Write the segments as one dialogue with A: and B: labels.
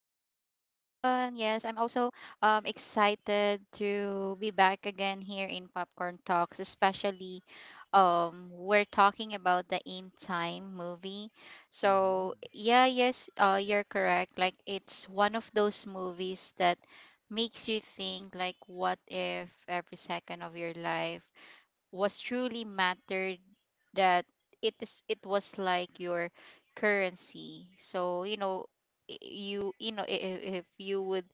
A: I'm also excited to be back again here in Popcorn Talks, especially we're talking about the In Time movie. So,
B: hmm
A: yeah, yes, you're correct. Like, it's one of those movies that makes you think, like, what if every second of your life was truly mattered that it was like your currency. So if you would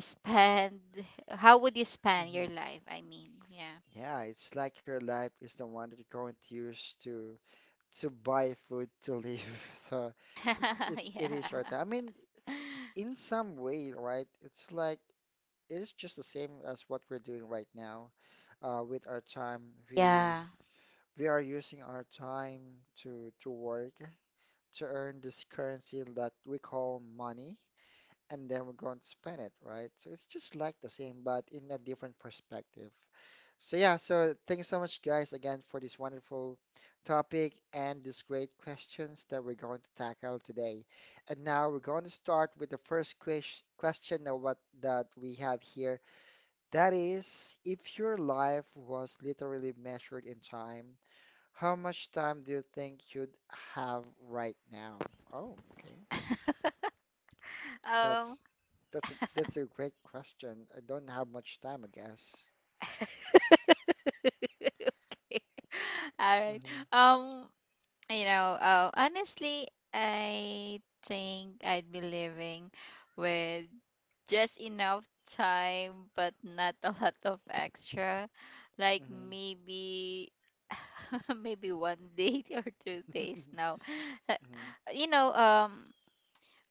A: spend, how would you spend your
B: hmm.
A: life? I mean, yeah.
B: Yeah, it's like your life is the one that you're going to use to buy food to live. So it's it's it is
A: Yeah,
B: short. I mean, in some way, right? It's like it is just the same as what we're doing right now. With our time.
A: yeah.
B: We we are using our time to work to earn this currency that we call money, and then we're going to spend it, right? So it's just like the same, but in a different perspective. So yeah, so thank you so much, guys, again for this wonderful topic and these great questions that we're going to tackle today. And now we're going to start with the first question of what that we have here. That is, if your life was literally measured in time, how much time do you think you'd have right now? Oh, okay.
A: um
B: That's that's a great question. I don't have much time, I guess.
A: okay. All right.
B: hmm
A: um Honestly, I think I'd be living with just enough time, but not a lot of extra. Like,
B: hmm
A: maybe maybe one day or 2 days. No. Uh,
B: hmm
A: you know um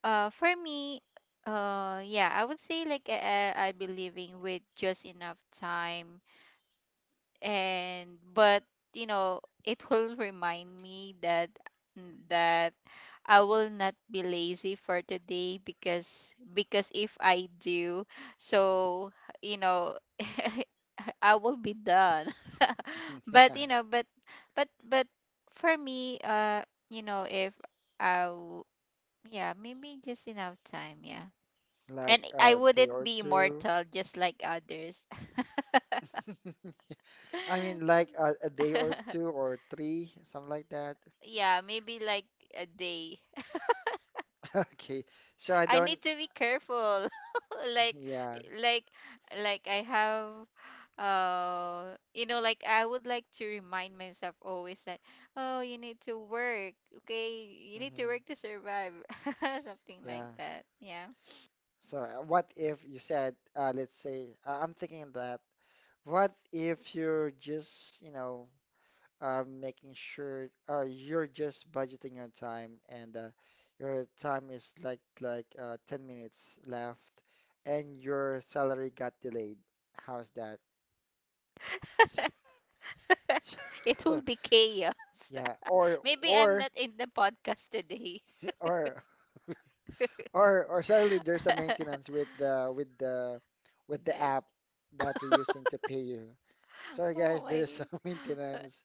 A: for me, yeah, I would say, like, I'd be living with just enough time and but it will remind me that that I will not be lazy for today, because if I do so, you know I will be done.
B: Yeah,
A: But but but for me, if I w- yeah, maybe just enough time, yeah.
B: like
A: And I
B: a day
A: wouldn't
B: or
A: be
B: two.
A: immortal just like others.
B: I mean, like a day or two or three, something like that.
A: Yeah, maybe like a day.
B: Okay, so I
A: I
B: don't.
A: need to be careful, like,
B: Yeah.
A: like I have, like, I would like to remind myself always that, oh, you need to work, okay, you need to
B: hmm
A: work to survive. Something like
B: Yeah.
A: that, yeah.
B: So, what if you said, let's say, I'm thinking that, what if you're just, you know, making sure, you're just budgeting your time and your time is like 10 minutes left and your salary got delayed. How's that? So,
A: It will be chaos.
B: yeah,
A: Maybe I'm
B: or
A: not in the podcast today.
B: or or suddenly there's a maintenance with the with the app that you are using to pay you. Sorry guys,
A: Oh
B: there's
A: my.
B: some maintenance.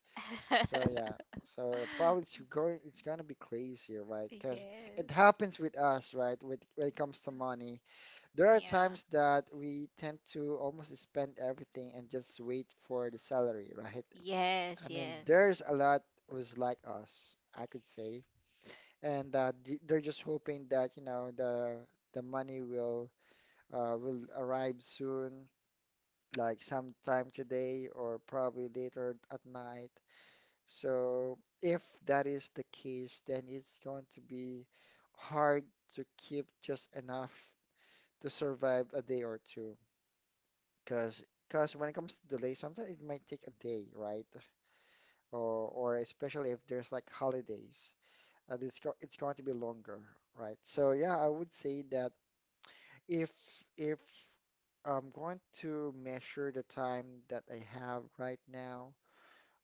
B: So yeah, so probably it's gonna be crazy, right? Because it
A: Yes.
B: happens with us, right? With when it comes to money, there are
A: Yeah.
B: times that we tend to almost spend everything and just wait for the salary, right?
A: Yes,
B: I mean,
A: yes.
B: there's a lot was like us, I could say, and they're just hoping that you know the money will, will arrive soon, like sometime today or probably later at night. So if that is the case, then it's going to be hard to keep just enough to survive a day or two. Because when it comes to delay, sometimes it might take a day, right? Or especially if there's like holidays, and it's going to be longer, right? So yeah, I would say that if if I'm going to measure the time that I have right now,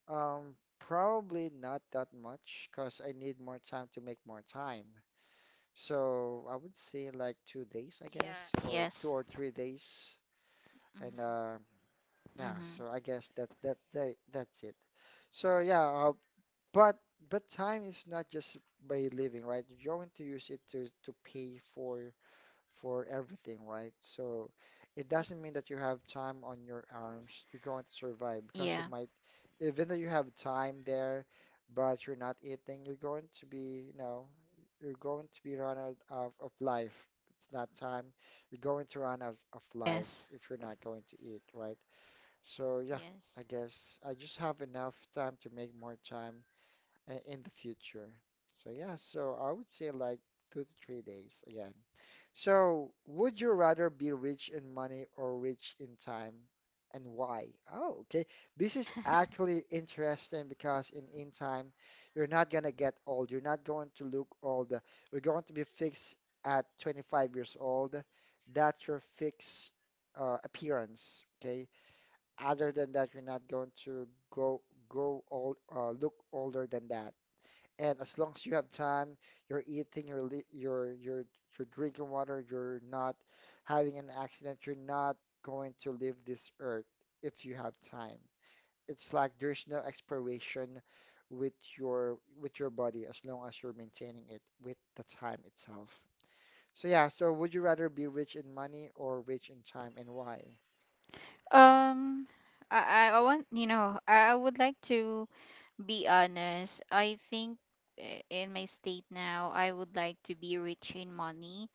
B: Um, probably not that much because I need more time to make more time. So I would say like
A: Yeah.
B: 2 days, I
A: Yes.
B: guess, or 2 or 3 days.
A: Mm-hmm.
B: And
A: Mm-hmm.
B: yeah, so I guess that that's it. So yeah, but but time is not just by living, right? You're going to use it to pay for everything, right? So it doesn't mean that you have time on your arms, you're going to survive
A: Yeah.
B: because you might, even though you have time there, but you're not eating, you're going to be, you know, you're going to be run out of life. It's not time. You're going to run out of
A: Yes.
B: life if you're not going to eat, right? So yeah,
A: Yes.
B: I guess I just have enough time to make more time in the future. So yeah, so I would say like 2 to 3 days. Yeah, so, would you rather be rich in money or rich in time, and why? Oh, okay. This is actually interesting because In Time, you're not gonna get old. You're not going to look old. We're going to be fixed at 25 years old. That's your fixed, appearance. Okay. Other than that, you're not going to go go old, look older than that. And as long as you have time, you're eating, you're drinking water, you're not having an accident, you're not going to leave this earth if you have time. It's like there's no expiration with your body as long as you're maintaining it with the time itself. So yeah, so would you rather be rich in money or rich in time and why?
A: Um, I want, I would like to be honest. I think, in my state now, I would like to be rich in money,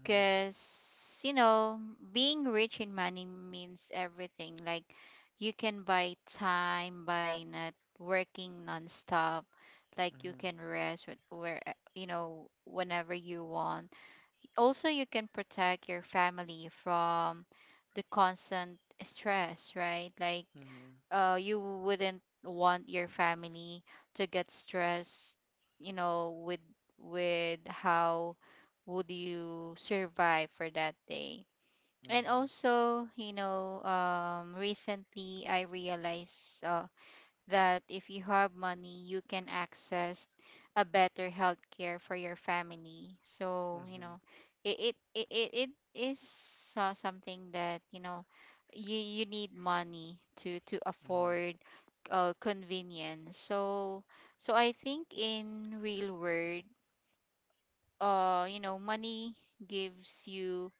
B: Mhm,
A: being rich in money means everything. Like, you can buy time by not working nonstop. Like, you
B: mhm,
A: can rest where, whenever you want. Also, you can protect your family from the constant stress, right? Like,
B: mhm,
A: you wouldn't want your family to get stressed, with how would you survive for that day. And
B: mhm,
A: also, recently I realized that if you have money, you can access a better healthcare for your family. So,
B: mhm,
A: it is something that, you you need money to
B: mhm,
A: afford convenience. So, so I think in real world, money gives you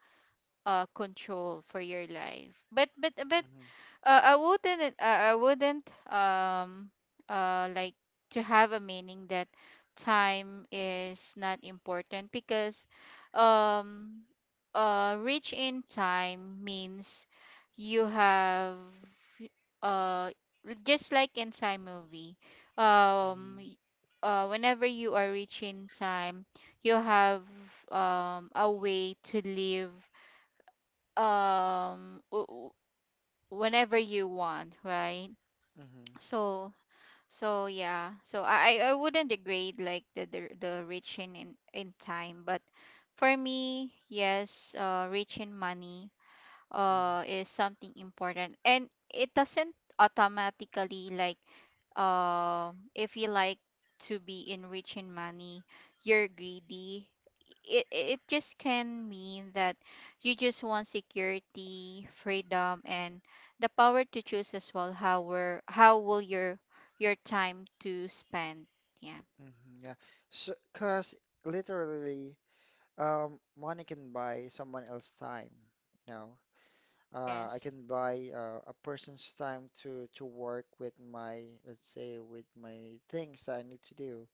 A: control for your life. But but
B: mhm,
A: I wouldn't. I wouldn't. Like, to have a meaning that time is not important, because, um, reach in time means you have, uh, just like in time movie, um,
B: mhm,
A: y- whenever you are reaching time, you have a way to live. Um Whenever you want, right?
B: mhm, mhm,
A: So, so yeah. So I wouldn't degrade like the rich in, in time. But for me, yes, rich in money
B: mhm,
A: is something important, and it doesn't automatically, like, if you like to be enriched in money you're greedy. It just can mean that you just want security, freedom, and the power to choose as well how were how will your time to spend, yeah.
B: Mhm, yeah. So, cause literally, money can buy someone else's time. You know, I
A: Yes.
B: can buy a person's time to work with my, let's say, with my things that I need to do,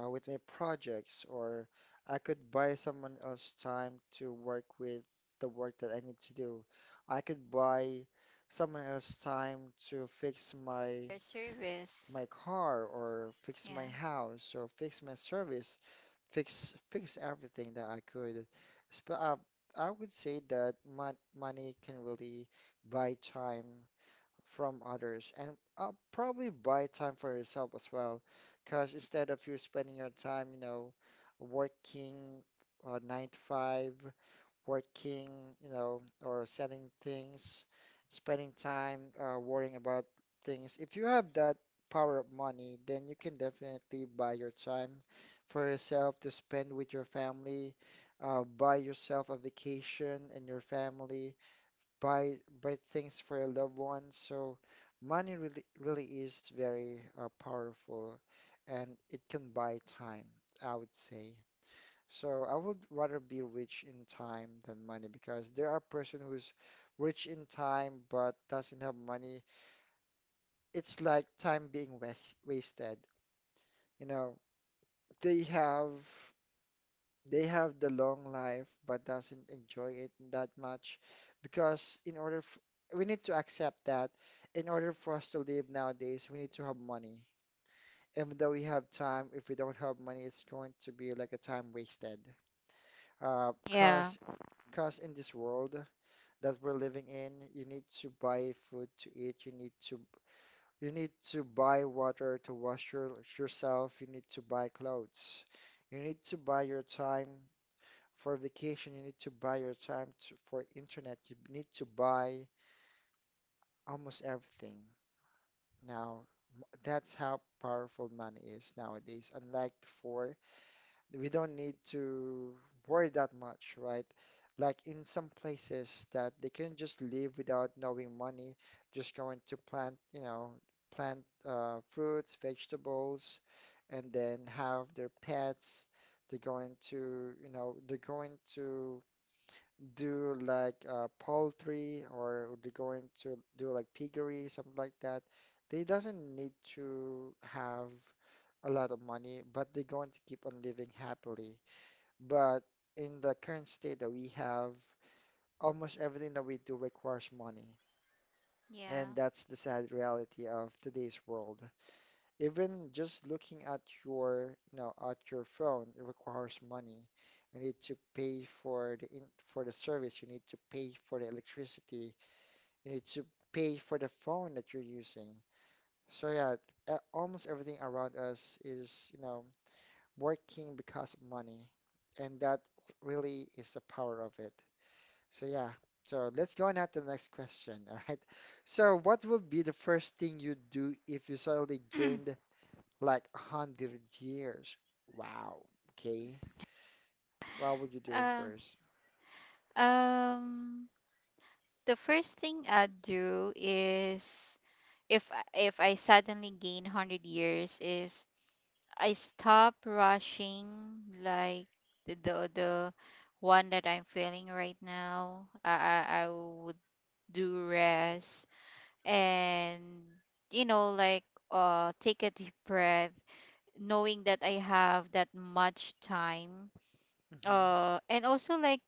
B: with my projects, or I could buy someone else's time to work with the work that I need to do. I could buy someone else's time to fix
A: Your service.
B: my car or fix my
A: Yeah.
B: house or fix my service, fix everything that I could. Sp- uh, I would say that money can really buy time from others and, probably buy time for yourself as well. Because instead of you spending your time, you know, working, nine to five, working, you know, or selling things, spending time worrying about things. If you have that power of money, then you can definitely buy your time for yourself to spend with your family, buy yourself a vacation and your family, buy buy things for your loved ones. So money really is very, powerful, and it can buy time, I would say. So I would rather be rich in time than money because there are person who's rich in time but doesn't have money. It's like time being was wasted. You know, they have they have the long life but doesn't enjoy it that much because in order f we need to accept that in order for us to live nowadays, we need to have money. Even though we have time, if we don't have money, it's going to be like a time wasted. Uh,
A: Yeah.
B: cause, cause in this world that we're living in, you need to buy food to eat, you need to buy water to wash yourself, you need to buy clothes, you need to buy your time for vacation, you need to buy your time to, for internet, you need to buy almost everything. Now, that's how powerful money is nowadays, unlike before we don't need to worry that much, right? Like in some places that they can just live without knowing money, just going to plant, you know, plant fruits, vegetables, and then have their pets. They're going to, you know, they're going to do like, poultry or they're going to do like piggery, something like that, they doesn't need to have a lot of money, but they're going to keep on living happily. But in the current state that we have, almost everything that we do requires money.
A: Yeah.
B: And that's the sad reality of today's world. Even just looking at your, you know, at your phone, it requires money. You need to pay for for the service. You need to pay for the electricity. You need to pay for the phone that you're using. So yeah, almost everything around us is, you know, working because of money, and that really is the power of it. So yeah. So let's go on at the next question. All right. So what would be the first thing you'd do if you suddenly gained like 100 years. Wow. Okay. What would you do
A: uh
B: first?
A: um The first thing I'd do is, if if I suddenly gain 100 years, is I stop rushing, like the one that I'm feeling right now. I would do rest and, like, take a deep breath knowing that I have that much time.
B: Mm-hmm.
A: And also, like,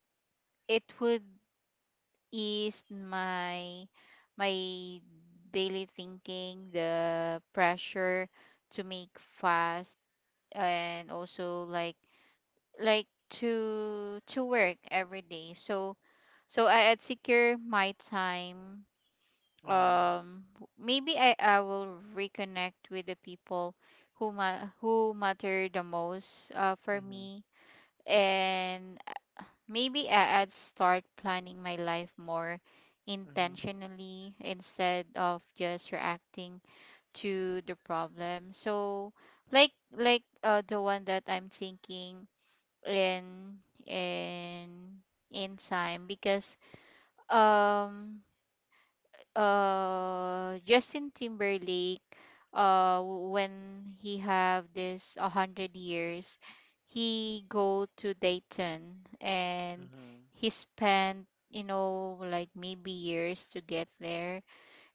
A: it would is my my daily thinking, the pressure to make fast, and also like to work every day. So so I I'd secure my time.
B: Mm-hmm.
A: Um Maybe I will reconnect with the people who who matter the most for
B: Mm-hmm.
A: me. And maybe I'd start planning my life more intentionally instead of just reacting to the problem. So, the one that I'm thinking in in time, because um Justin Timberlake, when he have this 100 years, he go to Dayton and
B: Mm-hmm.
A: he spent, like, maybe years to get there.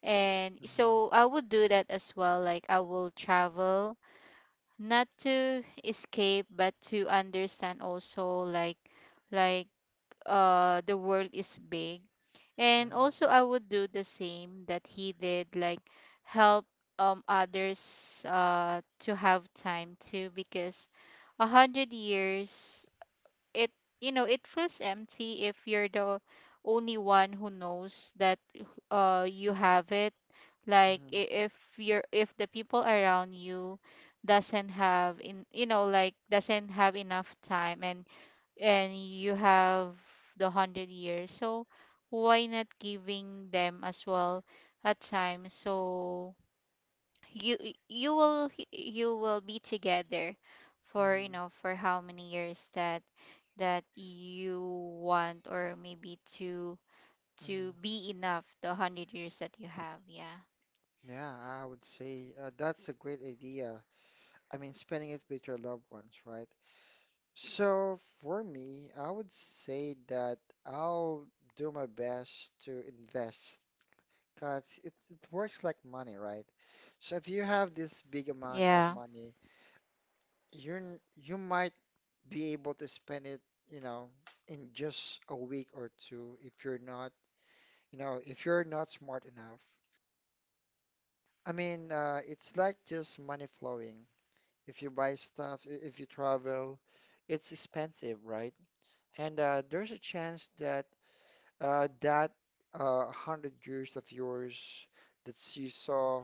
A: And
B: Mm-hmm.
A: so I would do that as well, like, I will travel not to escape but to understand. Also, like the world is big, and
B: Mm-hmm.
A: also I would do the same that he did, like, help others to have time too, because a hundred years, it, it feels empty if you're the only one who knows that you have it. Like,
B: Mm-hmm.
A: if you're if the people around you doesn't have in, like, doesn't have enough time, and you have the hundred years, so why not giving them as well a time, so you you will be together for,
B: Mm-hmm.
A: for how many years that that you want, or maybe
B: Mm-hmm.
A: to be enough the 100 years that you have, yeah.
B: Yeah, I would say, that's a great idea. I mean, spending it with your loved ones, right? So for me, I would say that I'll do my best to invest because it works like money, right? So if you have this big amount of
A: Yeah.
B: money, you might be able to spend it, you know, in just a week or two if you're not, you know, if you're not smart enough. I mean, it's like just money flowing. If you buy stuff, if you travel, it's expensive, right? And there's a chance that uh, that 100 years of yours that you saw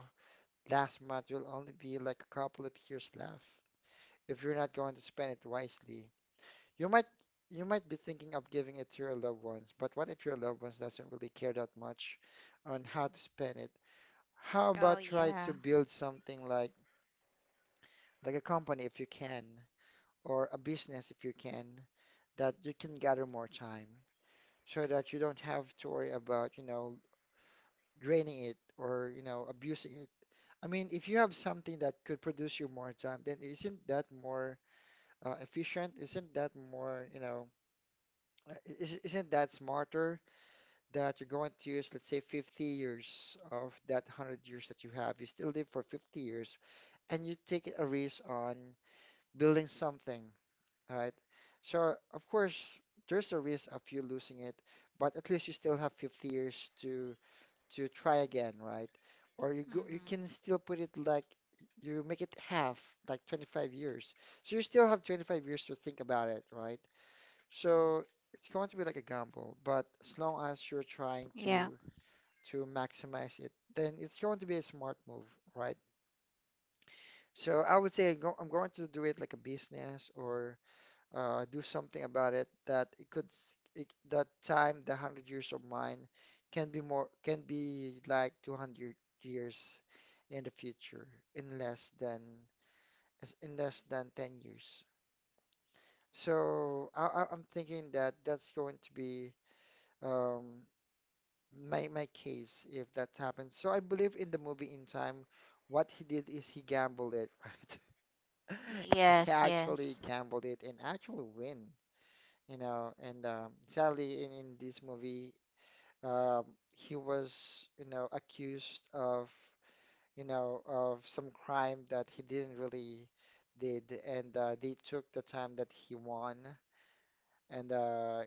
B: last month will only be like a couple of years left if you're not going to spend it wisely. You might you might be thinking of giving it to your loved ones, but what if your loved ones doesn't really care that much on how to spend it? How
A: Oh
B: about try
A: yeah.
B: to build something like a company if you can, or a business if you can, that you can gather more time so that you don't have to worry about, you know, draining it or, you know, abusing it. I mean, if you have something that could produce you more time, then isn't that more efficient? Isn't that more, isn't that smarter? That you're going to use, let's say, 50 years of that 100 years that you have, you still live for 50 years, and you take a risk on building something, right? So, of course, there's a risk of you losing it, but at least you still have 50 years to try again, right? Or you can
A: Hmm.
B: still put it like you make it half, like 25 years. So you still have 25 years to think about it, right? So it's going to be like a gamble, but as long as you're trying
A: Yeah.
B: to maximize it, then it's going to be a smart move, right? So I would say I'm going to do it like a business or do something about it that it could that time the 100 years of mine can be like 200 years in the future in less than in less than 10 years. So I'm thinking that that's going to be um, my case if that happens. So I believe in the movie In Time, what he did is he gambled it, right? He
A: Yes,
B: actually
A: yes.
B: gambled it and actually win, you know. And Sadly, in this movie, um, he was, you know, accused of, you know, of some crime that he didn't really did, and they took the time that he won. And uh,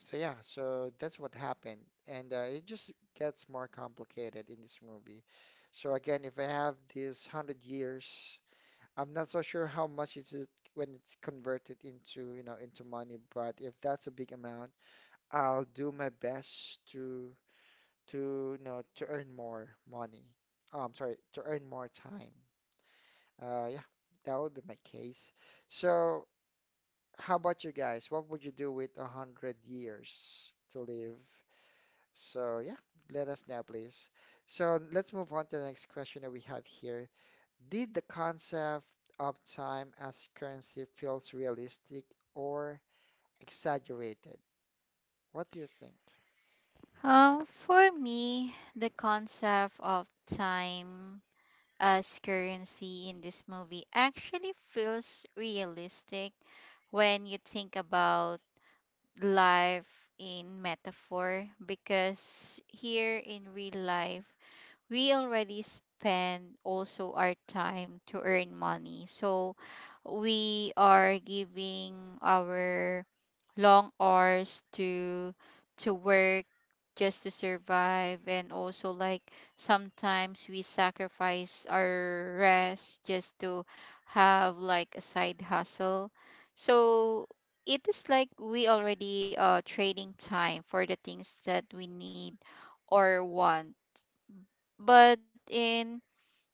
B: so that's what happened, and it just gets more complicated in this movie. So again, if I have this 100 years, I'm not so sure how much is it when it's converted into, you know, into money, but if that's a big amount, I'll do my best to to, you know, to earn more money. Oh, I'm sorry, to earn more time. Uh, yeah, that would be my case. So how about you guys? What would you do with a 100 years to live? So yeah, let us know, please. So let's move on to the next question that we have here. Did the concept of time as currency feels realistic or exaggerated? What do you think?
A: For me, the concept of time as currency in this movie actually feels realistic when you think about life in metaphor, because here in real life we already spend also our time to earn money. So we are giving our long hours to work just to survive, and also, like, sometimes we sacrifice our rest just to have like a side hustle. So it is like we already trading time for the things that we need or want. But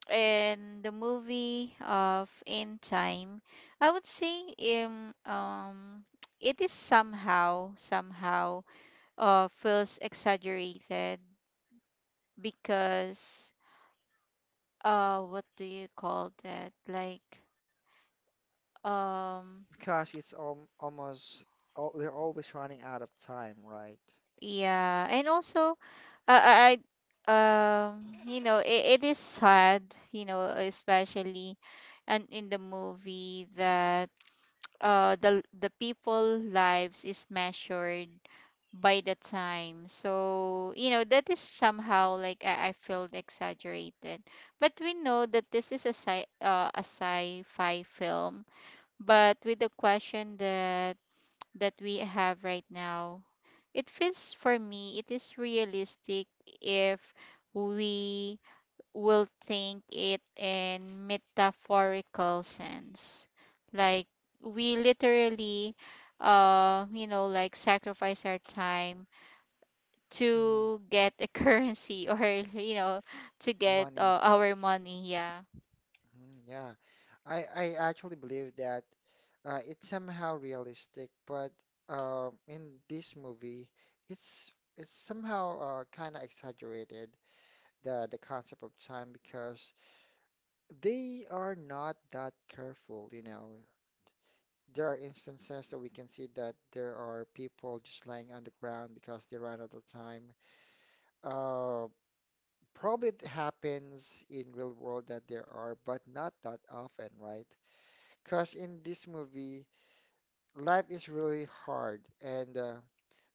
A: in the movie of In Time, I would say um, um it is somehow somehow feels exaggerated, because what do you call that, like um
B: Because it's al almost al they're always running out of time, right?
A: yeah. And also, I it, it is sad, especially, and in the movie, that the people lives is measured by the time, so that is somehow like I feel exaggerated. But we know that this is a sci a sci-fi film. But with the question that that we have right now, it feels, for me, it is realistic if we will think it in metaphorical sense, like, we literally like sacrifice our time
B: Hmm.
A: to get a currency, or, you know to get,
B: Money.
A: our money, yeah.
B: Mhm, yeah. I actually believe that it's somehow realistic, but in this movie, it's somehow kind of exaggerated the concept of time because they are not that careful, you know. There are instances that we can see that there are people just lying on the ground because they ran out of time. Uh, Probably it happens in real world that there are, but not that often, right? Because in this movie, life is really hard and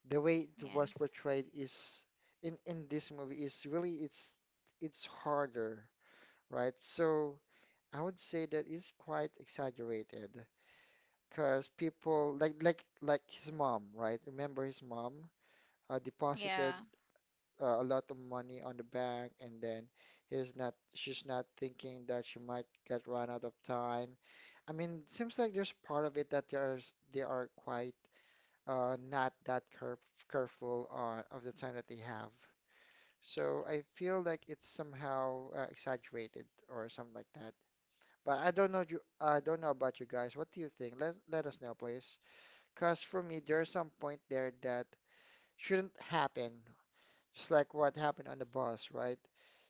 B: the way it was
A: Yes.
B: portrayed is in this movie is really it's harder, right? So I would say that is quite exaggerated because people like his mom, right? Remember his mom
A: Yeah.
B: deposited a lot of money on the bank and then he's not she's not thinking that she might get run out of time. I mean, seems like there's part of it that there's they are quite not that careful of the time that they have. So I feel like it's somehow exaggerated or something like that. But I don't know you I don't know about you guys. What do you think? Let us know, please. Because for me, there's some point there that shouldn't happen, just like what happened on the bus, right?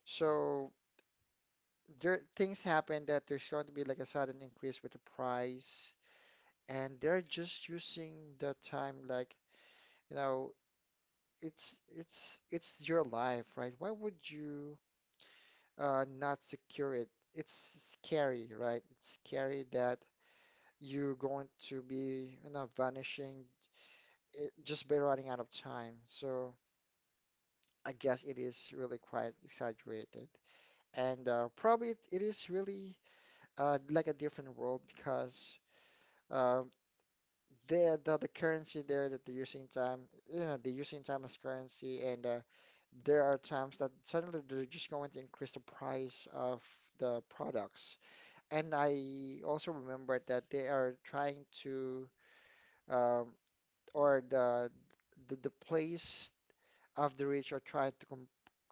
B: So there things happen that there's going to be like a sudden increase with the price, and they're just using the time like, you know, it's your life, right? Why would you? Not secure it. It's scary, right? It's scary that you're going to be, you know, vanishing it, just by running out of time. So I guess it is really quite exaggerated. And it is really like a different world because uh, the currency there that they're using time, you know, they're using time as currency, and there are times that suddenly they're just going to increase the price of the products. And I also remember that they are trying to, um, or the, the place of the rich are trying to com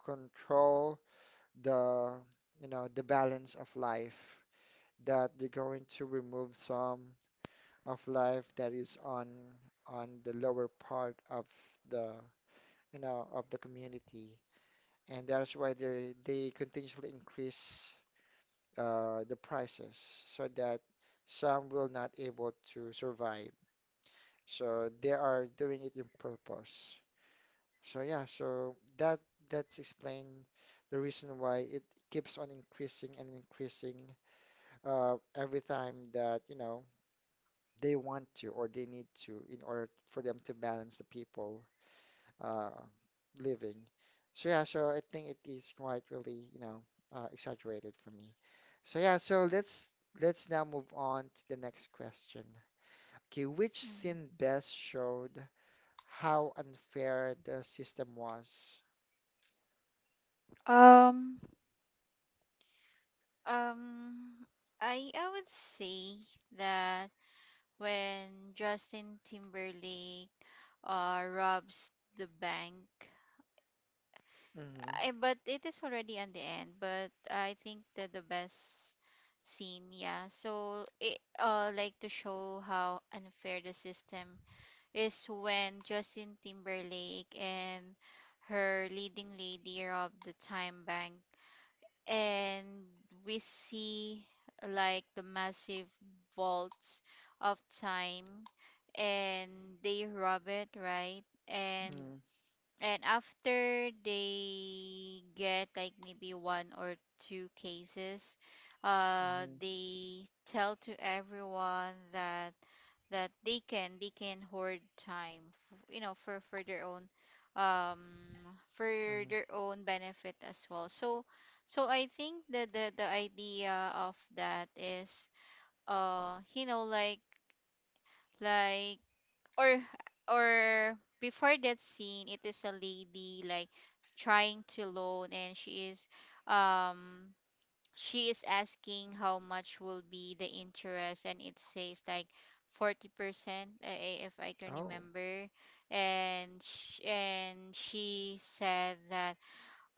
B: control the, you know, the balance of life. That they're going to remove some of life that is on the lower part of the, you know, of the community, and that's why they continuously increase the prices so that some will not able to survive. So they are doing it in purpose. So that that's explain the reason why it keeps on increasing and increasing every time that, you know, they want to or they need to in order for them to balance the people uh, living. So yeah, so I think it is quite really, you know, exaggerated for me. So yeah, let's now move on to the next question. Okay, which
A: hmm
B: scene best showed how unfair the system was?
A: um Um, I would say that, when Justin Timberlake robs the bank.
B: Mhm.
A: Eh, but it is already on the end. But I think that the best scene, yeah. So it like to show how unfair the system is, when Justin Timberlake and her leading lady rob the time bank, and we see like the massive vaults of time, and they rob it, right?
B: Mhm.
A: And after they get like maybe one or two cases,
B: Mhm.
A: they tell to everyone that that they can hoard time, for
B: Mhm.
A: their own benefit as well. So so I think that the idea of that is uh you know like like or or before that scene it is a lady like trying to loan, and um she is asking how much will be the interest, and it says like 40%, if I can
B: Oh.
A: remember. And and she said that,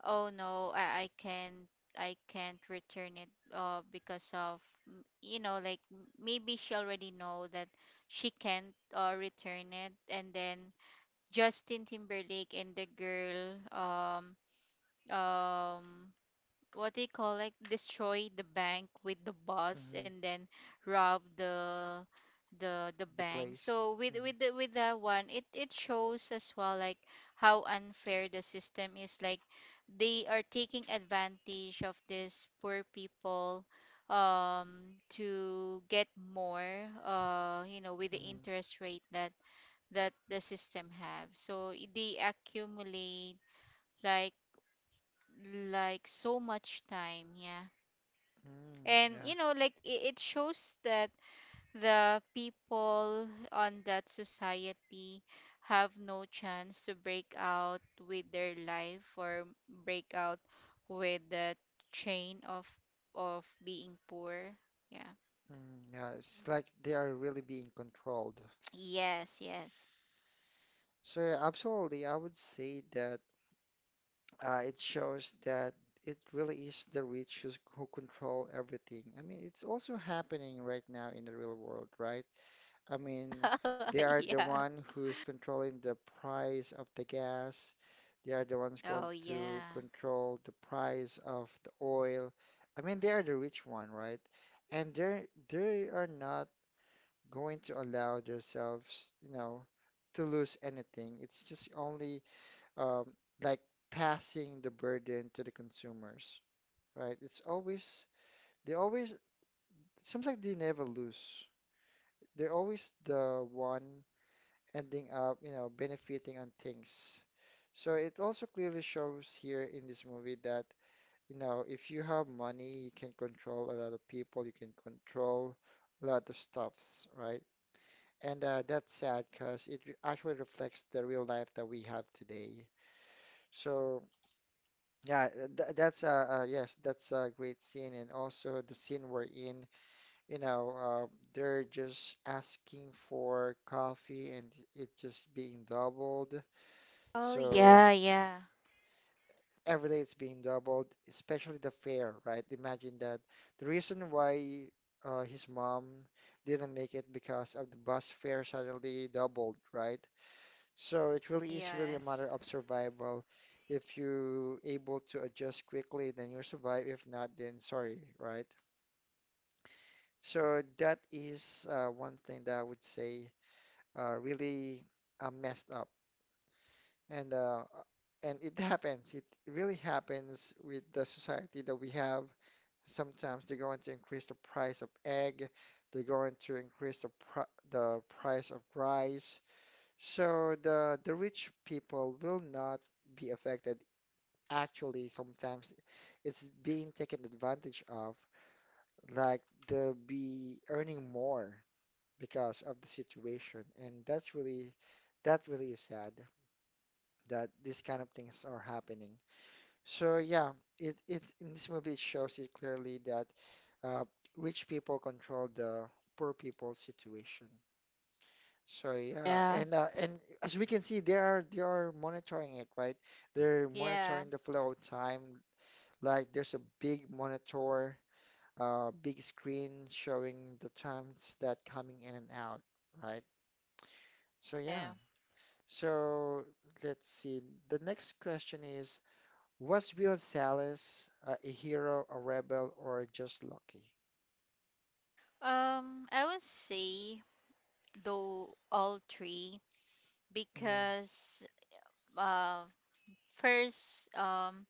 A: oh no, I can't. I can't return it, because of, like, maybe she already know that she can't return it. And then Justin Timberlake and the girl, um what do you call, like, destroy the bank with the bus
B: Mhm.
A: and then rob the
B: The
A: bank.
B: place.
A: So with
B: Mhm.
A: with that one, it shows as well like how unfair the system is, like, they are taking advantage of these poor people to get more, with the
B: Mhm.
A: interest rate that that the system have. So they accumulate, like so much time, yeah.
B: Mm.
A: And,
B: Yeah.
A: like, it shows that the people on that society have no chance to break out with their life, or break out with the chain of being poor, yeah.
B: Mm. Yeah, it's like they are really being controlled.
A: Yes, yes.
B: So yeah, absolutely, I would say that. It shows that it really is the rich who's, who control everything. I mean, it's also happening right now in the real world, right? I mean, they are the
A: Yeah.
B: one who's controlling the price of the gas. They are the ones
A: Oh
B: going
A: yeah.
B: to control the price of the oil. I mean, they are the rich one, right? And they are not going to allow themselves, you know, to lose anything. It's just only um, like passing the burden to the consumers, right? They always, it seems like they never lose. They're always the one ending up, you know, benefiting on things. So it also clearly shows here in this movie that, you know, if you have money, you can control a lot of people, you can control a lot of stuffs, right? And that's sad because actually reflects the real life that we have today. So, yeah, th that's that's a great scene, and also the scene we're in, you know, they're just asking for coffee, and it just being doubled.
A: Oh
B: So
A: yeah. Yeah.
B: every day it's being doubled, especially the fare, right? Imagine that. The reason why his mom didn't make it because of the bus fare suddenly doubled, right? So it really is really a
A: Yes.
B: matter of survival. If you able to adjust quickly, then you survive. If not, then sorry, right? So that is one thing that I would say really messed up, and and it happens. It really happens with the society that we have. Sometimes they're going to increase the price of egg. They're going to increase the price of rice. So the rich people will not be affected. Actually sometimes it's being taken advantage of, like they'll be earning more because of the situation, and that's really that really is sad that these kind of things are happening. So yeah, it in this movie it shows it clearly that uh, rich people control the poor people's situation. So yeah,
A: Yeah.
B: and as we can see, they are monitoring it, right? They're
A: Yeah,
B: monitoring the flow of time. Like there's a big monitor, big screen showing the times that coming in and out, right? So
A: yeah.
B: yeah. So let's see. The next question is, was Will Salas a hero, a rebel, or just lucky?
A: I would say though all three,
B: Mm.
A: because uh first,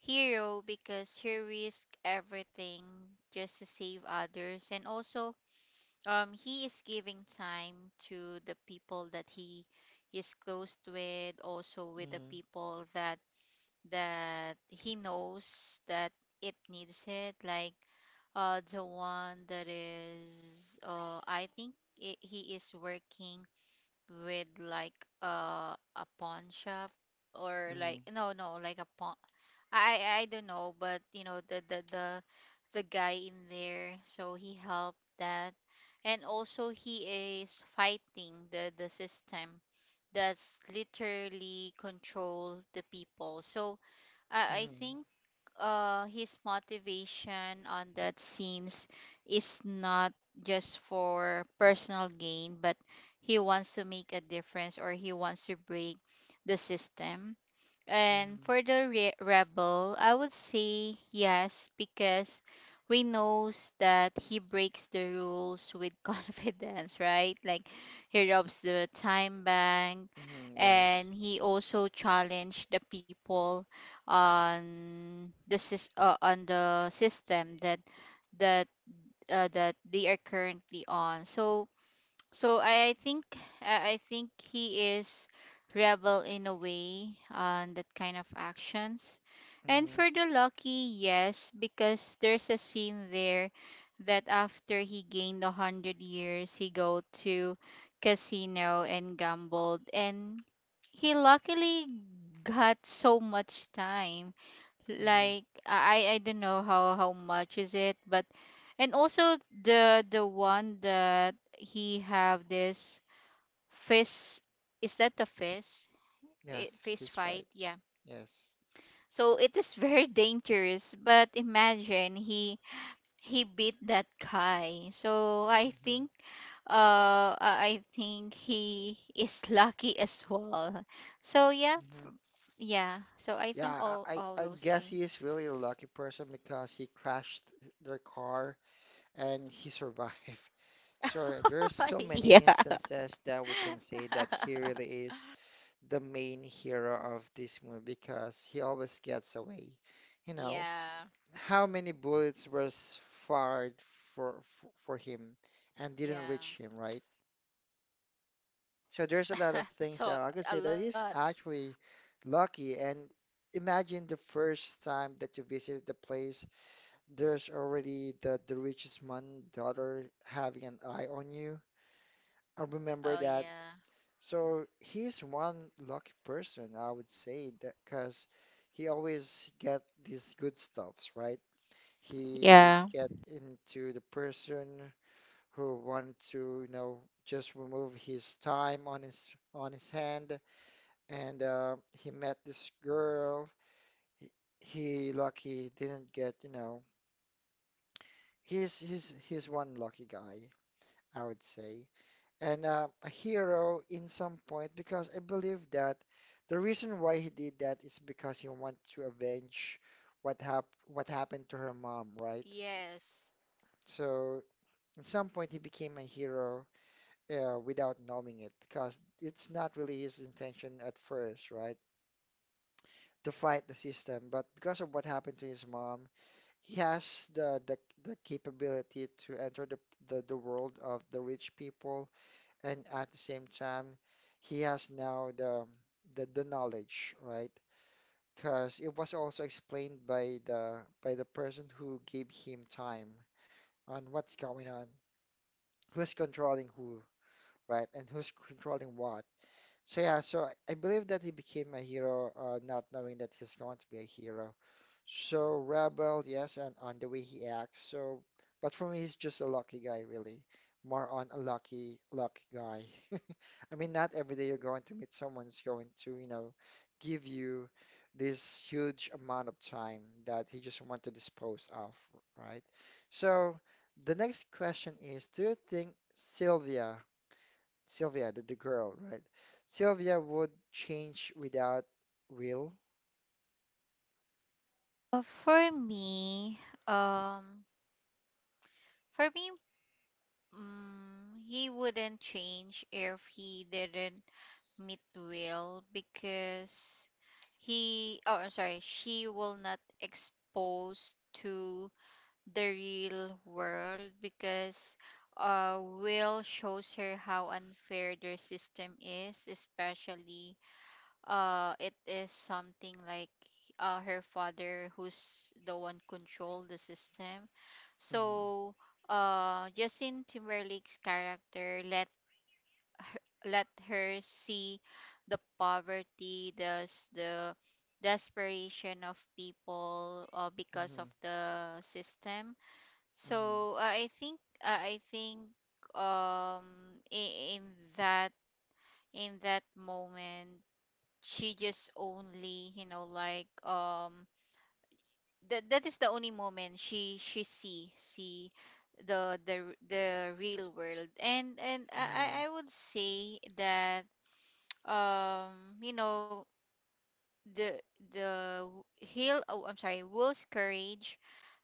A: hero because he risked everything just to save others. And also, he is giving time to the people that he is close with, also with the
B: Mm.
A: people that he knows that it needs it. Like the one that is I think I he is working with, like a pawn shop, or
B: Mm.
A: like no, no, like a pawn. I don't know, but you know, the the guy in there, so he helped that. And also he is fighting the system that's literally control the people. So I
B: Mm.
A: think his motivation on that scenes is not just for personal gain, but he wants to make a difference, or he wants to break the system. And
B: Mm.
A: for the rebel, I would say yes, because we knows that he breaks the rules with confidence, right? Like he robs the time bank,
B: Mm,
A: and
B: yes.
A: he also challenged the people on the on the system that that they are currently on. So I think I think he is rebel in a way on that kind of actions. And
B: Mm.
A: for the lucky, yes, because there's a scene there that after he gained 100 years, he go to casino and gambled, and he luckily got so much time.
B: Mm,
A: Like I don't know how much is it, but and also the one that he have this fist, is that the fist? It,
B: yes.
A: fist
B: Fist
A: fight,
B: fight.
A: yeah.
B: Yes.
A: So it is very dangerous, but imagine he beat that guy. So I
B: Mm-hmm.
A: think I think he is lucky as well. So yeah,
B: Mm-hmm.
A: f- yeah. So I think
B: Yeah,
A: all all
B: I
A: those
B: guess
A: three.
B: he is really a lucky person because he crashed their car and he survived. So there's so many
A: yeah.
B: instances that we can say that he really is the main hero of this movie because he always gets away. You know,
A: Yeah,
B: how many bullets were fired for him and didn't
A: yeah.
B: reach him, right? So there's a lot of
A: So
B: things that I
A: a
B: could say that
A: lot.
B: is actually lucky. And imagine the first time that you visit the place, there's already the richest man daughter having an eye on you. I remember
A: Oh
B: that.
A: yeah.
B: So he's one lucky person, I would say, that because he always get these good stuffs, right? He
A: Yeah.
B: get into the person who want to, just remove his time on his hand and he met this girl. He, he lucky didn't get. He's one lucky guy, I would say, and a hero in some point because I believe that the reason why he did that is because he want to avenge what happened to her mom, right?
A: Yes.
B: So at some point he became a hero without knowing it because it's not really his intention at first, right? To fight the system, but because of what happened to his mom, he has the capability to enter the world of the rich people, and at the same time, he has now the knowledge, right? Because it was also explained by the person who gave him time on what's going on, who's controlling who, right, and who's controlling what. So yeah, so I believe that he became a hero, not knowing that he's going to be a hero. So rebel, yes, and on the way he acts. So, but for me, he's just a lucky guy, really. More on a lucky, lucky guy. I mean, not every day you're going to meet someone who's going to, you know, give you this huge amount of time that he just want to dispose of, right? So the next question is, do you think Sylvia, Sylvia, the girl, right? Sylvia would change without will?
A: For me, um, for me, he wouldn't change if he didn't meet Will. Because he, oh, I'm sorry, she will not expose to the real world, because Will shows her how unfair their system is, especially it is something like her father who's the one control the system.
B: Mm-hmm,
A: So Justin Timberlake's character let her see the poverty, the the desperation of people because
B: mm-hmm,
A: of the system.
B: mm-hmm,
A: So I think um i- in that in that moment, she just only, you know, like that is the only moment she see the the real world. And I
B: mm-hmm.
A: I I would say that you know, the the hill, oh, I'm sorry, Will's courage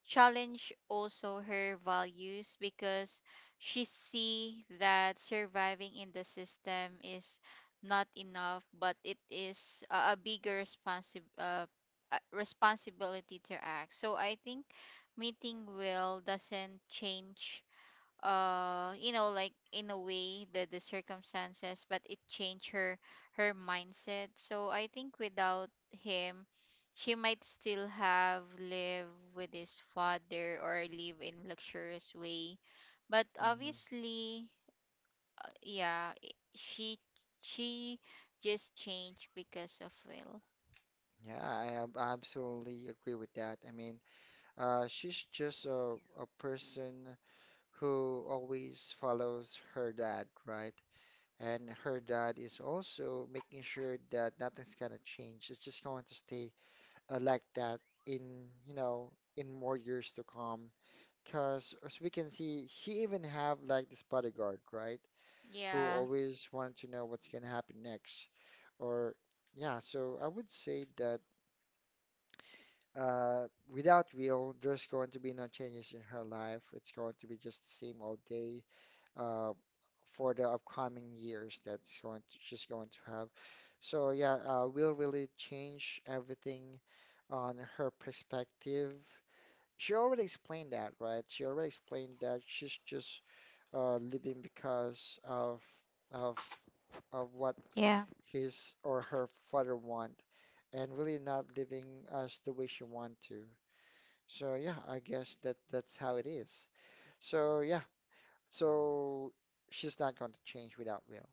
A: challenged also her values, because she see that surviving in the system is not enough, but it is a bigger responsibility to act. So I think meeting Will doesn't change you know, like, in a way, the circumstances, but it changed her mindset. So I think without him, she might still have lived with his father or live in luxurious way, but
B: Mhm.
A: obviously yeah she just changed because of will.
B: Yeah, absolutely agree with that. I mean, she's just a person who always follows her dad, right? And her dad is also making sure that nothing's gonna change. It's just going to stay like that in, you know, in more years to come. Because as we can see, he even have like this bodyguard, right? Who
A: Yeah.
B: always wanted to know what's gonna happen next. Or yeah, so I would say that. uh, without will, there's going to be no changes in her life. It's going to be just the same old day uh, for the upcoming years that's going to, she's going to have. So yeah, will really change everything on her perspective. She already explained that, right? She already explained that she's just living because of of what
A: Yeah.
B: his or her father want, and really not living as the way she want to. So yeah, I guess that's how it is. So yeah, so she's not going to change without will.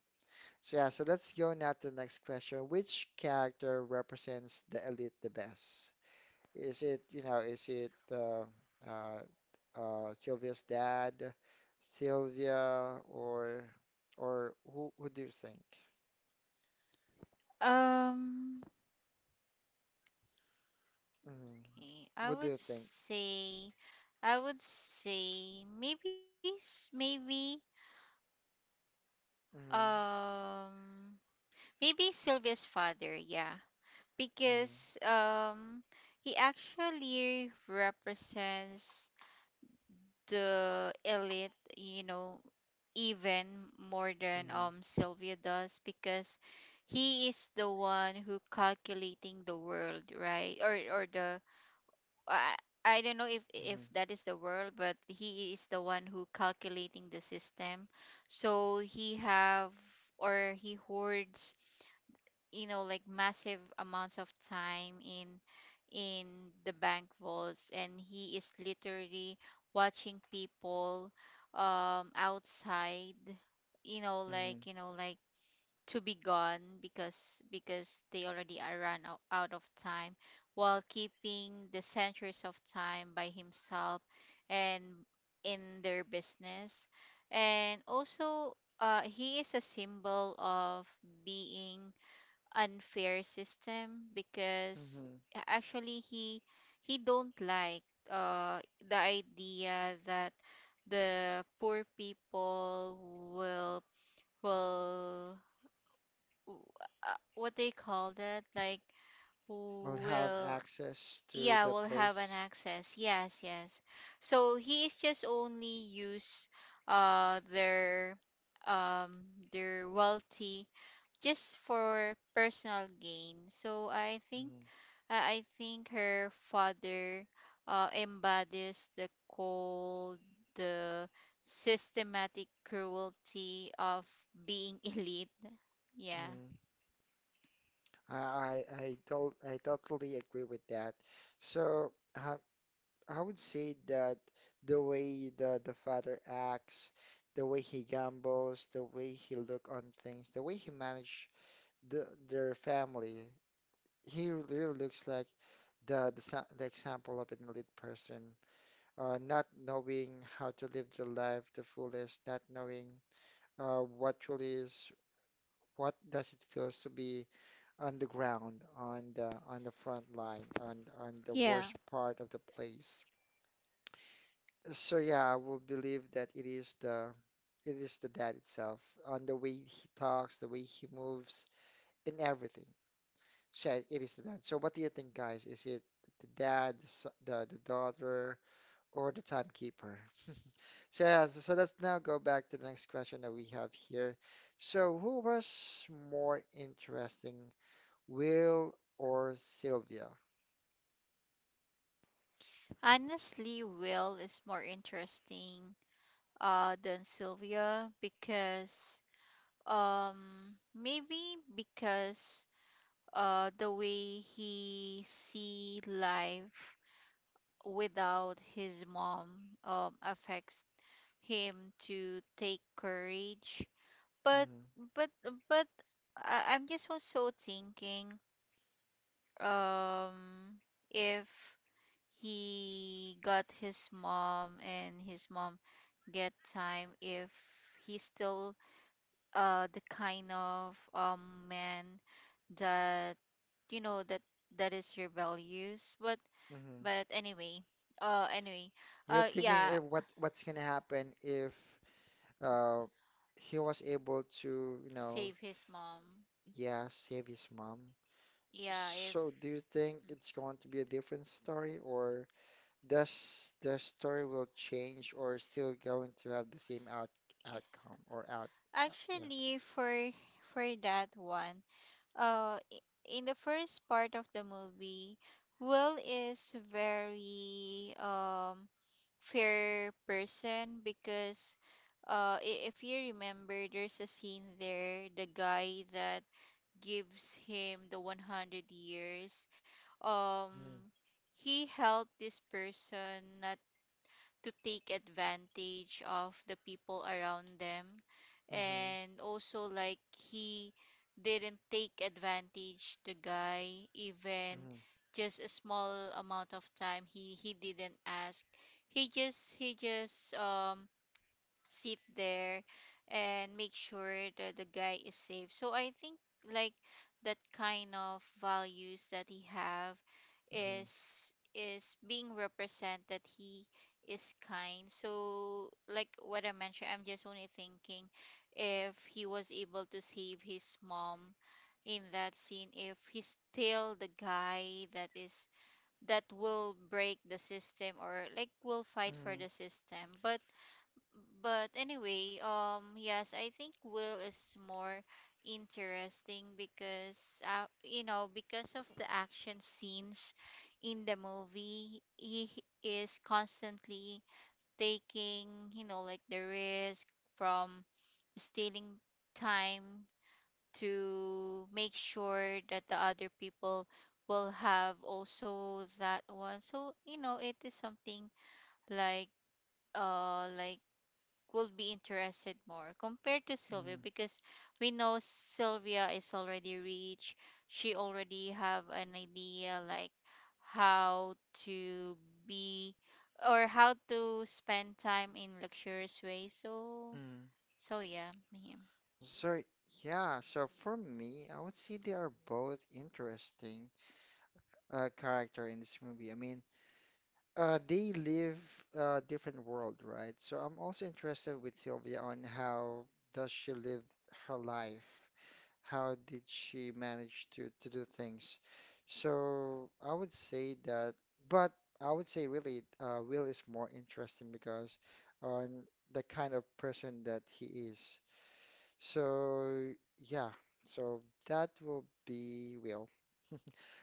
B: So yeah, so let's go now to the next question. Which character represents the elite the best? Is it, you know, is it uh, Sylvia's dad, Sylvia, or who do you think?
A: um
B: Mm.
A: Eh, I
B: What do
A: would
B: you think?
A: say, I would say maybe maybe
B: Mm-hmm.
A: um maybe Sylvia's father, yeah, because he actually represents the elite, you know, even more than
B: Mm-hmm.
A: Sylvia does. Because he is the one who calculating the world, right? Or the, I I don't know if
B: Mm-hmm.
A: that is the world, but he is the one who calculating the system. So he have, or he hoards, you know, like massive amounts of time in in the bank vaults, and he is literally watching people outside, you know, like,
B: Mm-hmm.
A: you know, like, to be gone because they already are run out, out of time, while keeping the centuries of time by himself and in their business. And also he is a symbol of being unfair system. Because
B: Mm-hmm.
A: actually he don't like uh, the idea that the poor people will will w- what they call that, like,
B: Will
A: who
B: have
A: will,
B: access to
A: yeah,
B: the
A: will have an
B: place.
A: access, yes, yes. So he is just only use uh their um their wealthy just for personal gain. So i think
B: Mm,
A: i I think her father embodies the cold, the systematic cruelty of being elite. Yeah.
B: mm. I don't I totally agree with that. So I would say that the way the father acts, the way he gambles, the way he look on things, the way he manage the their family, he really looks like the example of an elite person, not knowing how to live their life the fullest, not knowing what truly is what does it feels to be on the ground, on the front line, on the
A: Yeah.
B: worst part of the place. So yeah, I will believe that it is the dad itself, on the way he talks, the way he moves, in everything. So yeah, it is the dad. So what do you think, guys? Is it the dad, the daughter, or the timekeeper? So yeah, so, so let's now go back to the next question that we have here. So who was more interesting Will or Sylvia?
A: Honestly, Will is more interesting than Sylvia, because maybe because the way he see life without his mom affects him to take courage. But
B: Mm-hmm.
A: but but I'm just also thinking um if he got his mom and his mom get time, if he's still the kind of man that, you know, that that is rebellious. But
B: Mm-hmm.
A: but anyway uh anyway
B: You're thinking
A: yeah.
B: if what's gonna happen if uh he was able to, you know,
A: Save his mom.
B: yeah, save his mom.
A: Yeah, if,
B: So do you think it's going to be a different story or does the story will change or still going to have the same out outcome or out
A: actually
B: yes.
A: for that one, uh i- in the first part of the movie, will is very fair person. Because if you remember, there's a scene there, the guy that gives him the 100 years. um
B: Mm-hmm.
A: he helped this person not to take advantage of the people around them.
B: Mm-hmm.
A: And also, like, he didn't take advantage the guy, even
B: Mm-hmm.
A: just a small amount of time, he didn't ask. He just sit there and make sure that the guy is safe. So I think like that kind of values that he have is being represent that he is kind. So like what I mentioned, I'm just only thinking, if he was able to save his mom in that scene, if he's still the guy that is that will break the system, or like will fight for
B: Mm-hmm.
A: the system. But yes, I think Will is more interesting because, you know, because of the action scenes in the movie, he is constantly taking, you know, like, the risk from stealing time to make sure that the other people will have also that one. So, you know, it is something like, like, will be interested more compared to Sylvia, because we know Sylvia is already rich. She already have an idea like how to be or how to spend time in luxurious way. So
B: Mm-hmm.
A: so yeah, yeah.
B: So, yeah, so for me, I would say they are both interesting character in this movie. I mean, they live a different world, right? So I'm also interested with Sylvia on how does she live her life? How did she manage to do things? So I would say that, but I would say really, Will is more interesting because on the kind of person that he is. So yeah, so that will be Will.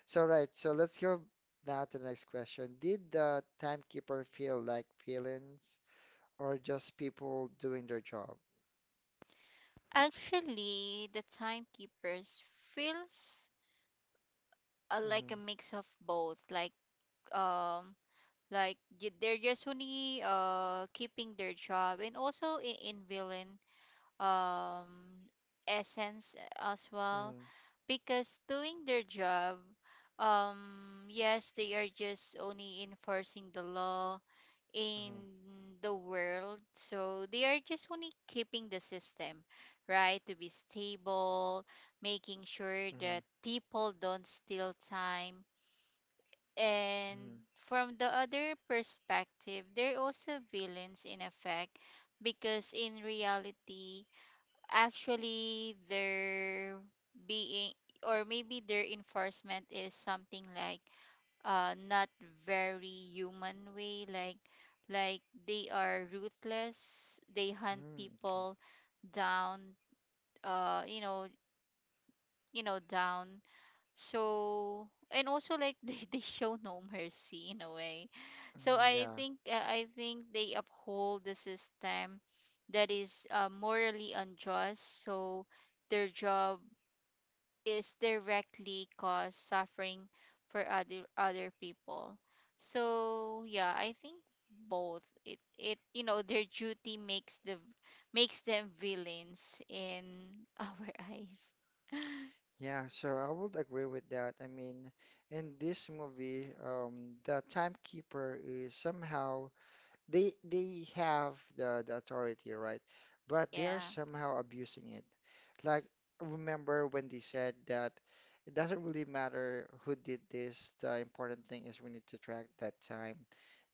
B: So right, so let's go now to the next question. Did the timekeeper feel like villains or just people doing their job?
A: Actually, the timekeepers feels like
B: Mm-hmm,
A: a mix of both. Um, like they're just only keeping their job, and also in villain um essence as well.
B: mm-hmm,
A: Because doing their job, yes, they are just only enforcing the law in
B: mm-hmm,
A: the world, so they are just only keeping the system right to be stable, making sure
B: mm-hmm,
A: that people don't steal time. And
B: mm-hmm,
A: from the other perspective, they're also villains in effect, because in reality, actually they're being, or maybe their enforcement is something like not very human way. Like like they are ruthless, they hunt
B: mm-hmm, okay.
A: people down, you know, down. So, and also like they show no mercy in a way. So
B: Mhm. Yeah,
A: I think they uphold the system that is morally unjust. So their job is directly cause suffering for other people. So yeah, I think both. It, you know, their duty makes the, makes them villains in our eyes.
B: yeah, so I would agree with that. I mean, in this movie, the timekeeper is somehow they have the authority, right? But they are
A: Yeah.
B: somehow abusing it. Like remember when they said that it doesn't really matter who did this, the important thing is we need to track that time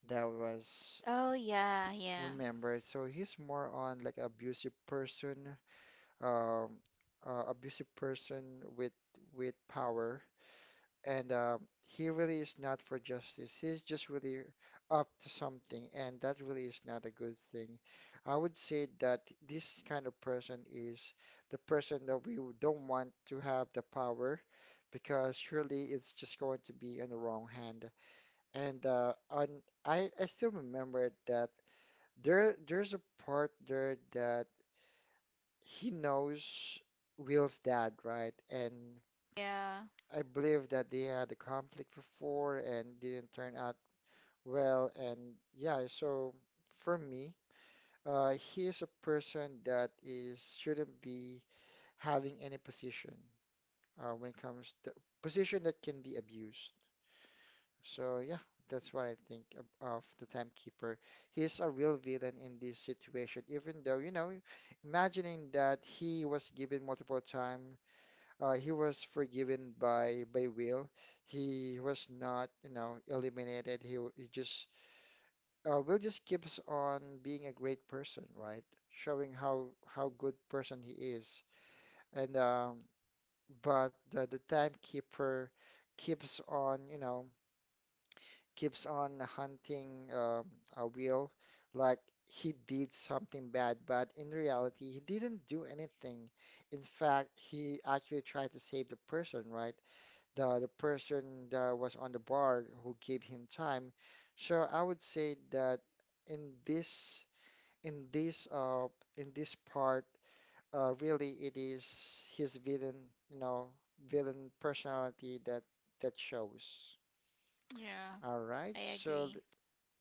B: that
A: Oh
B: was
A: yeah, yeah,
B: remembered. So he's more on like um, abusive person with power and he really is not for justice. He's just really up to something, and that really is not a good thing. I would say that this kind of person is the person that we don't want to have the power because surely it's just going to be in the wrong hand. And on, I still remember that there's a part there that he knows Will's dad, right? And
A: yeah,
B: I believe that they had a conflict before and didn't turn out well. And yeah, so for me, he is a person that is shouldn't be having any position when it comes to position that can be abused. So yeah, that's what I think of the timekeeper. He's a real villain in this situation, even though, you know, imagining that he was given multiple time he was forgiven by Will. He was not, you know, eliminated. He, w- he just Will just keeps on being a great person, right? Showing how good person he is. And but the timekeeper keeps on, you know, keeps on hunting a Will like he did something bad, but in reality, he didn't do anything. In fact, he actually tried to save the person, right? The person that was on the bar who gave him time. So I would say that in this in this uh in this part really it is his villain you know villain personality that shows.
A: yeah.
B: All right,
A: I
B: so
A: agree.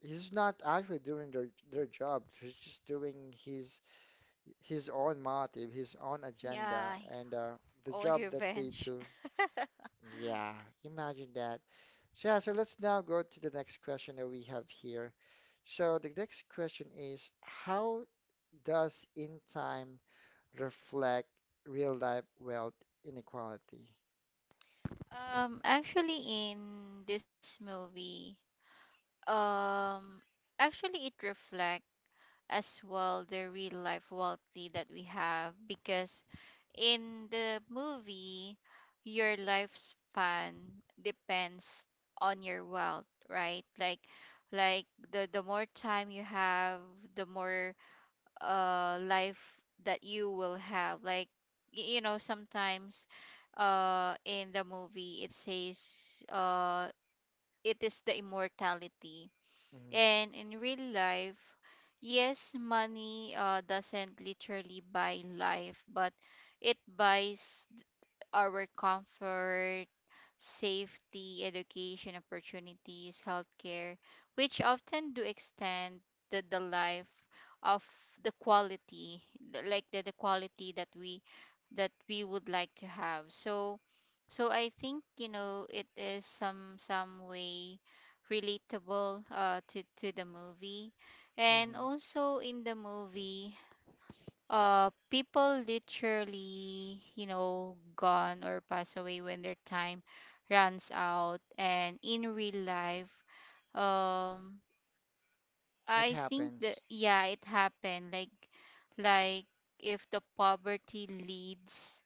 B: he's not actually doing their job. He's just doing his his own motive, his own
A: Yeah,
B: agenda, and the
A: own
B: job that they
A: revenge.
B: do. Yeah, imagine that. So, yeah, so let's now go to the next question that we have here. So the next question is, how does in time reflect real life wealth inequality?
A: Actually, in this movie, um, actually it reflects as well the real life wealthy that we have. Because in the movie, your lifespan depends on your wealth, right? Like, like the more time you have, the more life that you will have. Like you know, sometimes in the movie it says it is the immortality.
B: Mhm.
A: And in real life, yes, money doesn't literally buy life, but it buys our comfort, safety, education opportunities, healthcare, which often do extend the life of the quality, like the quality that we would like to have. So so I think, you know, it is some way relatable to the movie. And
B: Mm-hmm.
A: also in the movie, people literally, you know, gone or pass away when their time runs out. And in real life, um
B: It
A: I think that
B: happens.
A: yeah, it happened like like if the poverty leads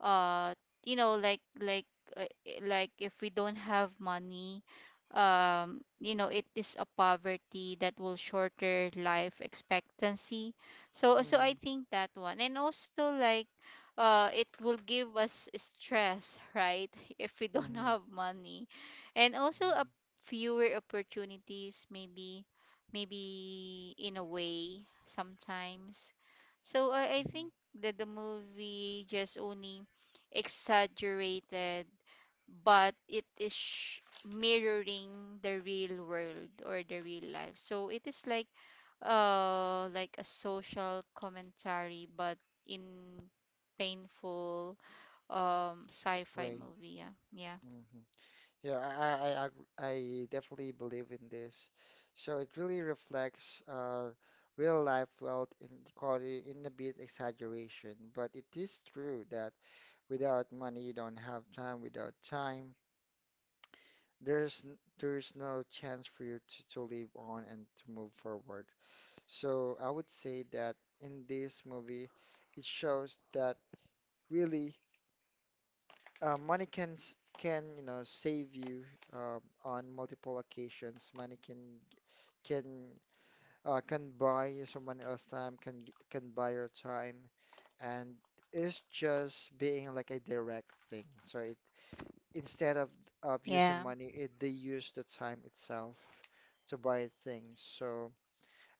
A: uh you know, like, like if we don't have money, you know, it is a poverty that will shorter life expectancy. So so
B: Mm-hmm.
A: I think that one. And also, like, it will give us stress, right? If we don't
B: Hmm.
A: have money. And also
B: Mm-hmm.
A: a fewer opportunities, maybe maybe in a way, sometimes. So i think
B: Mm-hmm.
A: that the movie just only exaggerated, but it is mirroring the real world or the real life. So it is like a social commentary, but in painful sci-fi
B: Way.
A: movie. Yeah. Yeah.
B: Hmm. Yeah, I, ag- I definitely believe in this. So it really reflects real life wealth inequality in a bit exaggeration, but it is true that without money, you don't have time. Without time, there's no chance for you to live on and to move forward. So I would say that in this movie, it shows that really money can you know save you on multiple occasions. Money can can buy someone else time, can buy your time, and it's just being like a direct thing. So it instead of using
A: Yeah.
B: money, it, they use the time itself to buy things. So,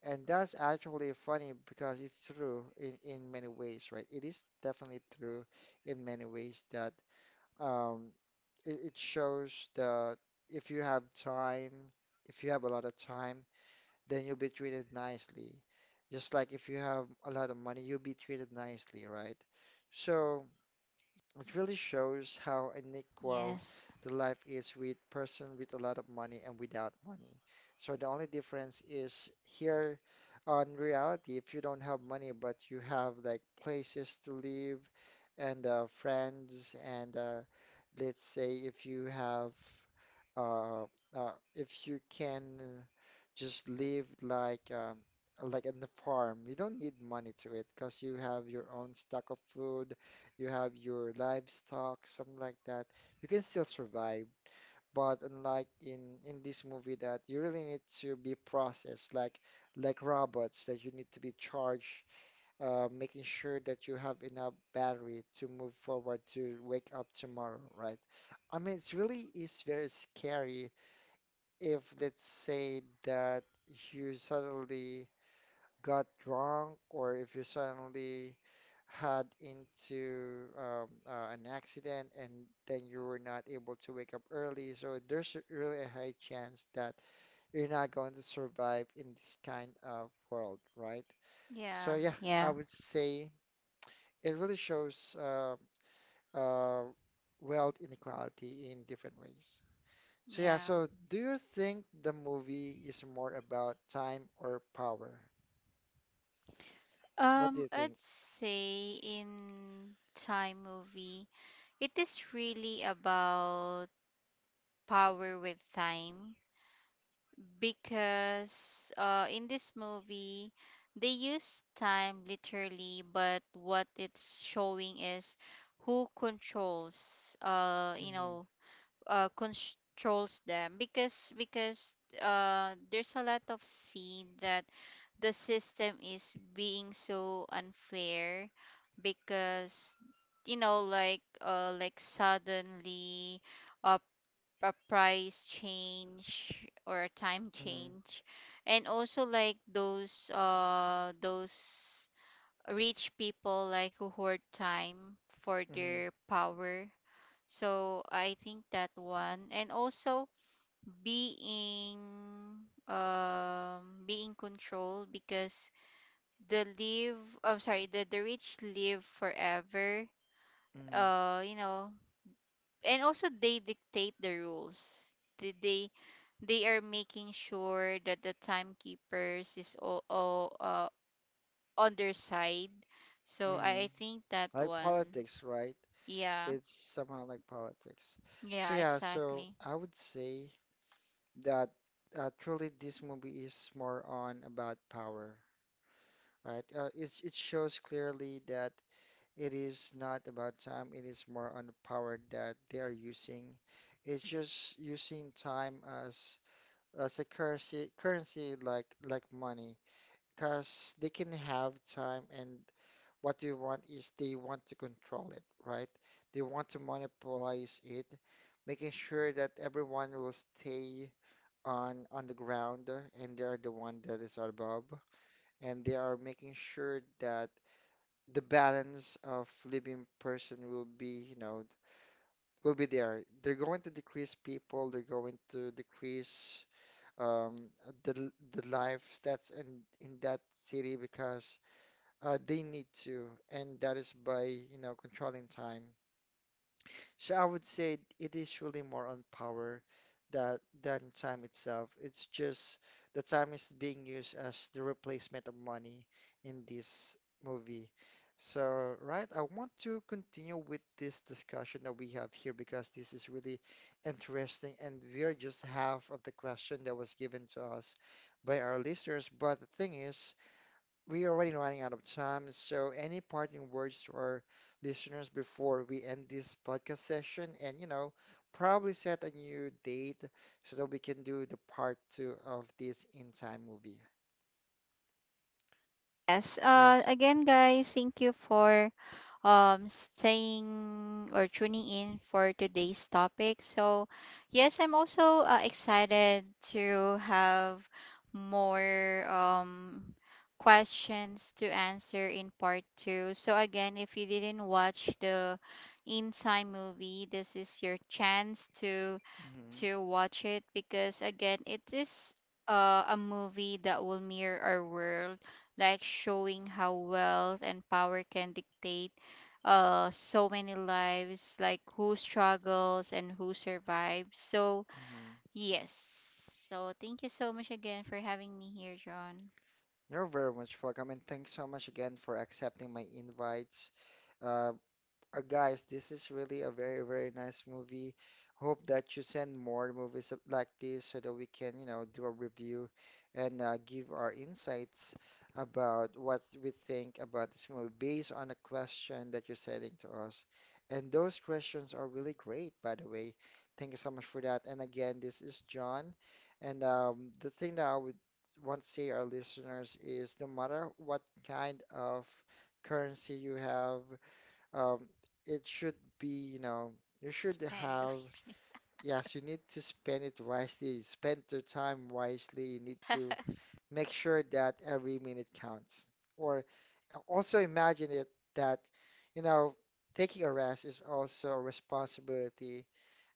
B: and that's actually funny because it's true in many ways, right? It is definitely true in many ways that um it, it shows that if you have time, if you have a lot of time, then you'll be treated nicely. Just like if you have a lot of money, you'll be treated nicely, right? So. It really shows how unequal
A: Yes.
B: the life is with person with a lot of money and without money. So the only difference is here on reality, if you don't have money but you have like places to live and friends and let's say if you have uh, if you can just live like in the farm, you don't need money to it because you have your own stock of food, you have your livestock, something like that, you can still survive. But unlike in this movie that you really need to be processed like robots that you need to be charged, making sure that you have enough battery to move forward to wake up tomorrow, right? I mean, it's really is very scary if let's say that you suddenly got drunk or if you suddenly had into an accident and then you were not able to wake up early. So really a high chance that you're not going to survive in this kind of world, right?
A: Yeah.
B: So yeah, I
A: Yeah.
B: would say it really shows uh, wealth inequality in different ways. So yeah,
A: Yeah.
B: so do you think the movie is more about time or power? What do you
A: I'd
B: think?
A: say in time movie, it is really about power with time. Because in this movie they use time literally, but what it's showing is who controls you
B: Hmm.
A: know, controls them. Because there's a lot of scene that the system is being so unfair. Because you know, like, like suddenly uh a price change or a time change. And also like those rich people like who hoard time for
B: Mm,
A: their power. So I think that one. And also being being controlled, because the live, I'm sorry, the rich live forever,
B: mm,
A: you know. And also they dictate the rules. They they are making sure that the timekeepers is all on their side. So
B: mm.
A: I think that
B: Like
A: one.
B: politics, right?
A: Yeah,
B: It's somehow like politics. So
A: yeah
B: yeah, so
A: exactly.
B: I would say that truly this movie is more on about power, right? It shows clearly that it is not about time. It is more on the power that they are using. It's just using time as as a currency like money, because they can have time and what they want is they want to control it, right? They want to monopolize it, making sure that everyone will stay on the ground and they are the one that is above, and they are making sure that the balance of living person will be, you know, will be there. They're going to decrease people, they're going to decrease um the the lives that's in that city because they need to, and that is by, you know, controlling time. So I would say it is really more on power that than time itself. It's just the time is being used as the replacement of money in this movie. So, right, I want to continue with this discussion that we have here because this is really interesting, and we are just half of the question that was given to us by our listeners. But the thing is, we are already running out of time. So, any parting words to our listeners before we end this podcast session? And, you know, probably set a new date so that we can do the part two of this In Time movie.
A: Yes.
B: Yes.
A: Again, guys, thank you for staying or tuning in for today's topic. So yes, I'm also excited to have more questions to answer in part 2. So again, if you didn't watch the In Time movie, this is your chance
B: Mm-hmm.
A: to watch it. Because again, it is a movie that will mirror our world, like showing how wealth and power can dictate so many lives, like who struggles and who survives. So
B: Mm-hmm.
A: yes, so thank you so much again for having me here, john.
B: You're very much welcome, and thanks so much again for accepting my invites. Uh, guys, this is really a very, very nice movie. Hope that you send more movies like this so that we can, you know, do a review and give our insights about what we think about this movie based on a question that you're sending to us. And those questions are really great, by the way. Thank you so much for that. And again, this is John. And the thing that I would want to say our listeners is no matter what kind of currency you have, um, it should be, you know, you should
A: Spend
B: have, yes, you need to spend it wisely, spend your time wisely. You need to
A: wisely.
B: make sure that every minute counts. Or also imagine it that, you know, taking a rest is also a responsibility.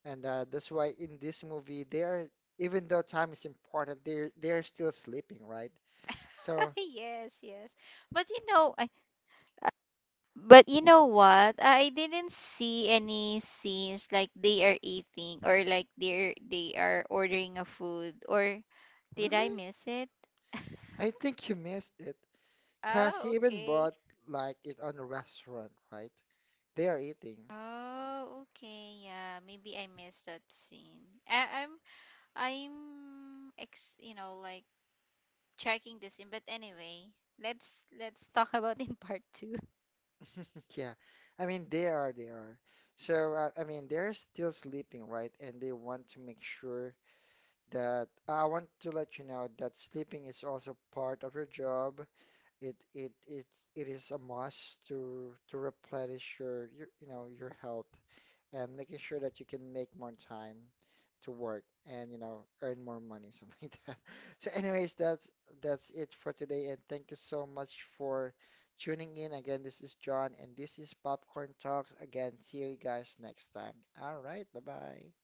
B: And that's why in this movie, they are, even though time is important, they're still sleeping, right? So,
A: Yes, yes. But you know, but you know what? I didn't see any scenes like they are eating or like they're they are ordering a food, or did I
B: really?
A: miss it?
B: I think you missed it. Because he
A: Oh,
B: even
A: okay.
B: bought like it on a restaurant, right? They are eating.
A: Oh, okay. Yeah, maybe I missed that scene. I'm I'm you know, like, checking this in, but anyway, let's talk about in part 2.
B: Yeah. I mean, they are. So, I mean, they're still sleeping, right? And they want to make sure that I want to let you know that sleeping is also part of your job. It it it it is a must to replenish your you know, your health, and making sure that you can make more time to work and you know earn more money, something like that. So, anyways, that's it for today, and thank you so much for tuning in. Again, this is John, and this is Popcorn Talks. Again, see you guys next time. All right, bye bye.